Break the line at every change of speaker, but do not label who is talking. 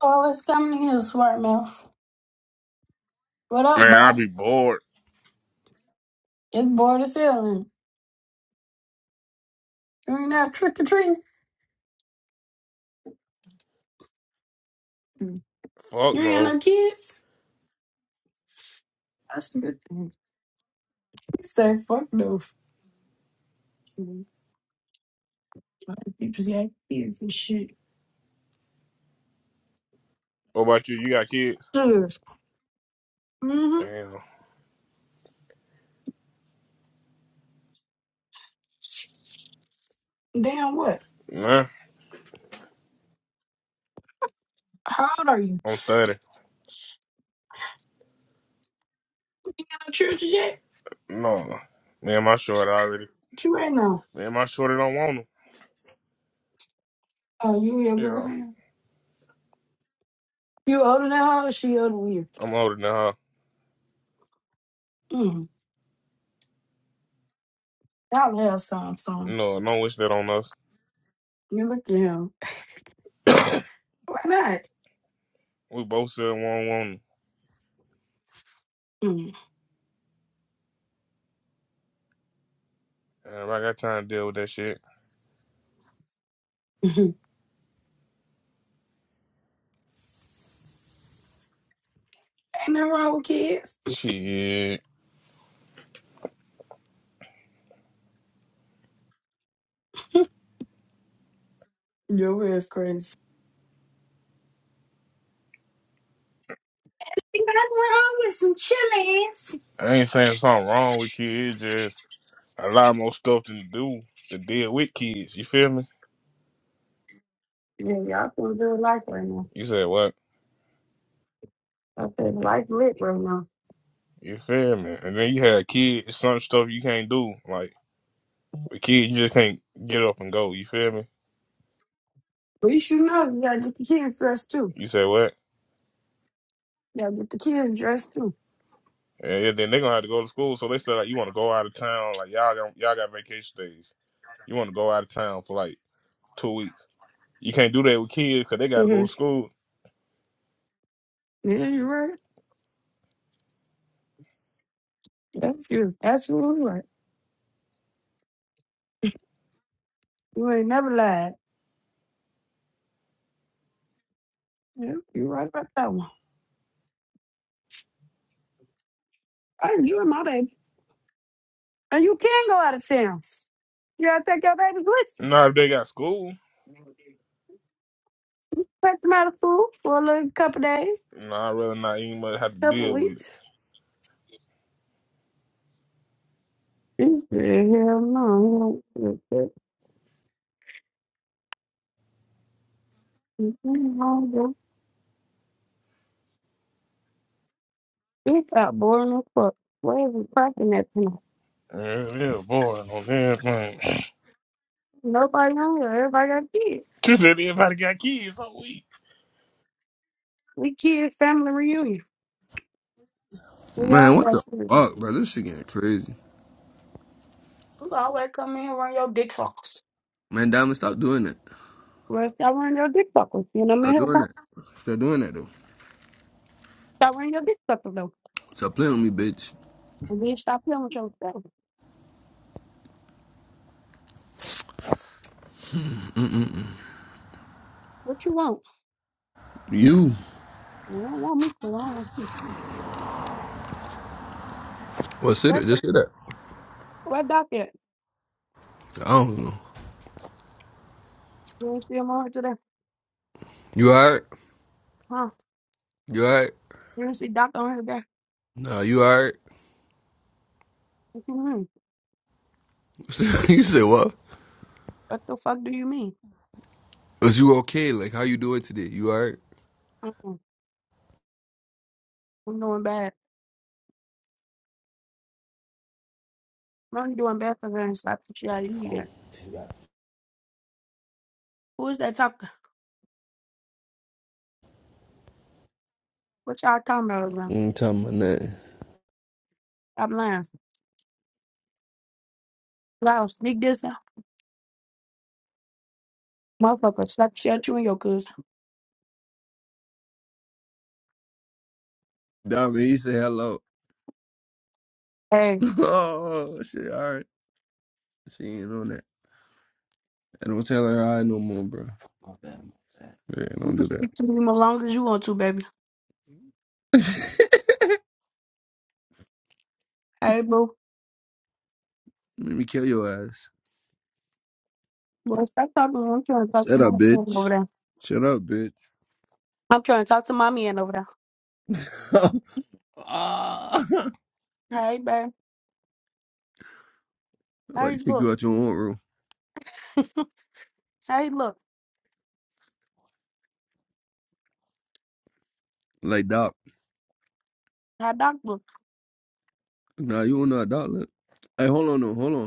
All that's coming here, smart mouth. What up,
Man, I
boy?
be bored.
It's bored as hell. and You ain't out trick or treating. Mm.
Fuck
You ain't got
no.
no kids. That's a good thing. Say fuck those. Mm. People say kids and shit.
What about you? You got kids?
Mm-hmm.
Damn.
Damn what?
Nah,
How old are you?
I'm 30.
You ain't got no children yet?
No. Man, my shorty already.
What you right now?
Man, my shorty don't want them.
Oh, you and your
Yeah,
girlfriend. You older than her? or She older than you.
I'm older than her.
Mm. Y'all have some, son.
No, don't wish that on us.
You look at him. Why not?
we both said we don't want them.
Mm.
And if I got time to deal with that shit,
ain't nothing wrong with kids.
shit.
Your ass crazy. Think I'm wrong with some chillings.
I ain't saying something wrong with kids. It's just a lot more stuff to do to deal with kids. You feel me?
Yeah, y'all can do life right now.
You said what?
Okay, life lit right now.
You feel me? And then you had kids. It's Some stuff you can't do. Like. But kid, you just can't get up and go. You feel me?
But you should know you gotta get the kids dressed too.
You say what?
You gotta get the kids dressed too.
And yeah, then they gonna have to go to school. So they said like, you want to go out of town? Like y'all got y'all got vacation days. You want to go out of town for like two weeks? You can't do that with kids because they got to go
hmm
to school.
Yeah, you're right. Yes, you're absolutely right. You ain't never lied. Yeah, you're right about that one. I enjoy my baby. And you can go out of town. You gotta take your babies with you.
Nah, if they got school,
Take them out of school for a little couple days,
nah, I'd rather not even much have to
couple
deal with
weeks.
it.
He said, hell no. It got boring as fuck. Why is it cracking at tonight?
Yeah, yeah boy, no damn thing.
Nobody on Everybody got kids.
She said everybody got kids, so we.
We kids family reunion. We all
Man, what
got
the
kids.
fuck, bro? This shit getting crazy.
You always come in and run your dick suckers.
Man, Diamond, stop doing that.
Well, stop running your dick suckers. You know what I
Stop
mean?
doing
Stop
that. Stop doing that, though.
stop running your dick suckers though.
Stop playing with me, bitch.
And then stop playing with yourself. What you want?
You.
You don't want me to. I don't want you to.
What, sit
That,
it? Just sit that.
where Doc at?
I don't know.
You didn't see him on here today?
You alright?
Huh?
You alright?
You didn't see Doc on here today?
Nah, you alright?
What you mean?
you said what?
What the fuck do you mean?
Was you okay? Like, how you doing today? You alright?
Uh-uh. I'm doing bad. No, you doing bad for her and slap the shit out of you guys. Who's that talking? What y'all talking about right now?
ain't talking about nothing.
Stop lying. Loud, sneak this out. Motherfucker, slap the shit out you and your cousin.
Diamond, he said hello.
Hey,
oh, shit, alright. She ain't on that. I don't tell her hi no more, bro. Yeah,
you
don't
can
do
speak
that.
to me as long as you want to, baby. Hey, boo.
Let me kill your ass.
Boy, stop talking to me. I'm trying to talk
Shut
to my
up,
man
bitch.
over there.
Shut up, bitch.
I'm trying to talk to my man over there.
ah, I'm
Hey, babe.
about
Hey,
to kick you
look.
out your own room.
hey, look.
Like, Doc.
Hi, doctor.
Nah, you don't know how Doc look. Hey, hold on, no, Hold on.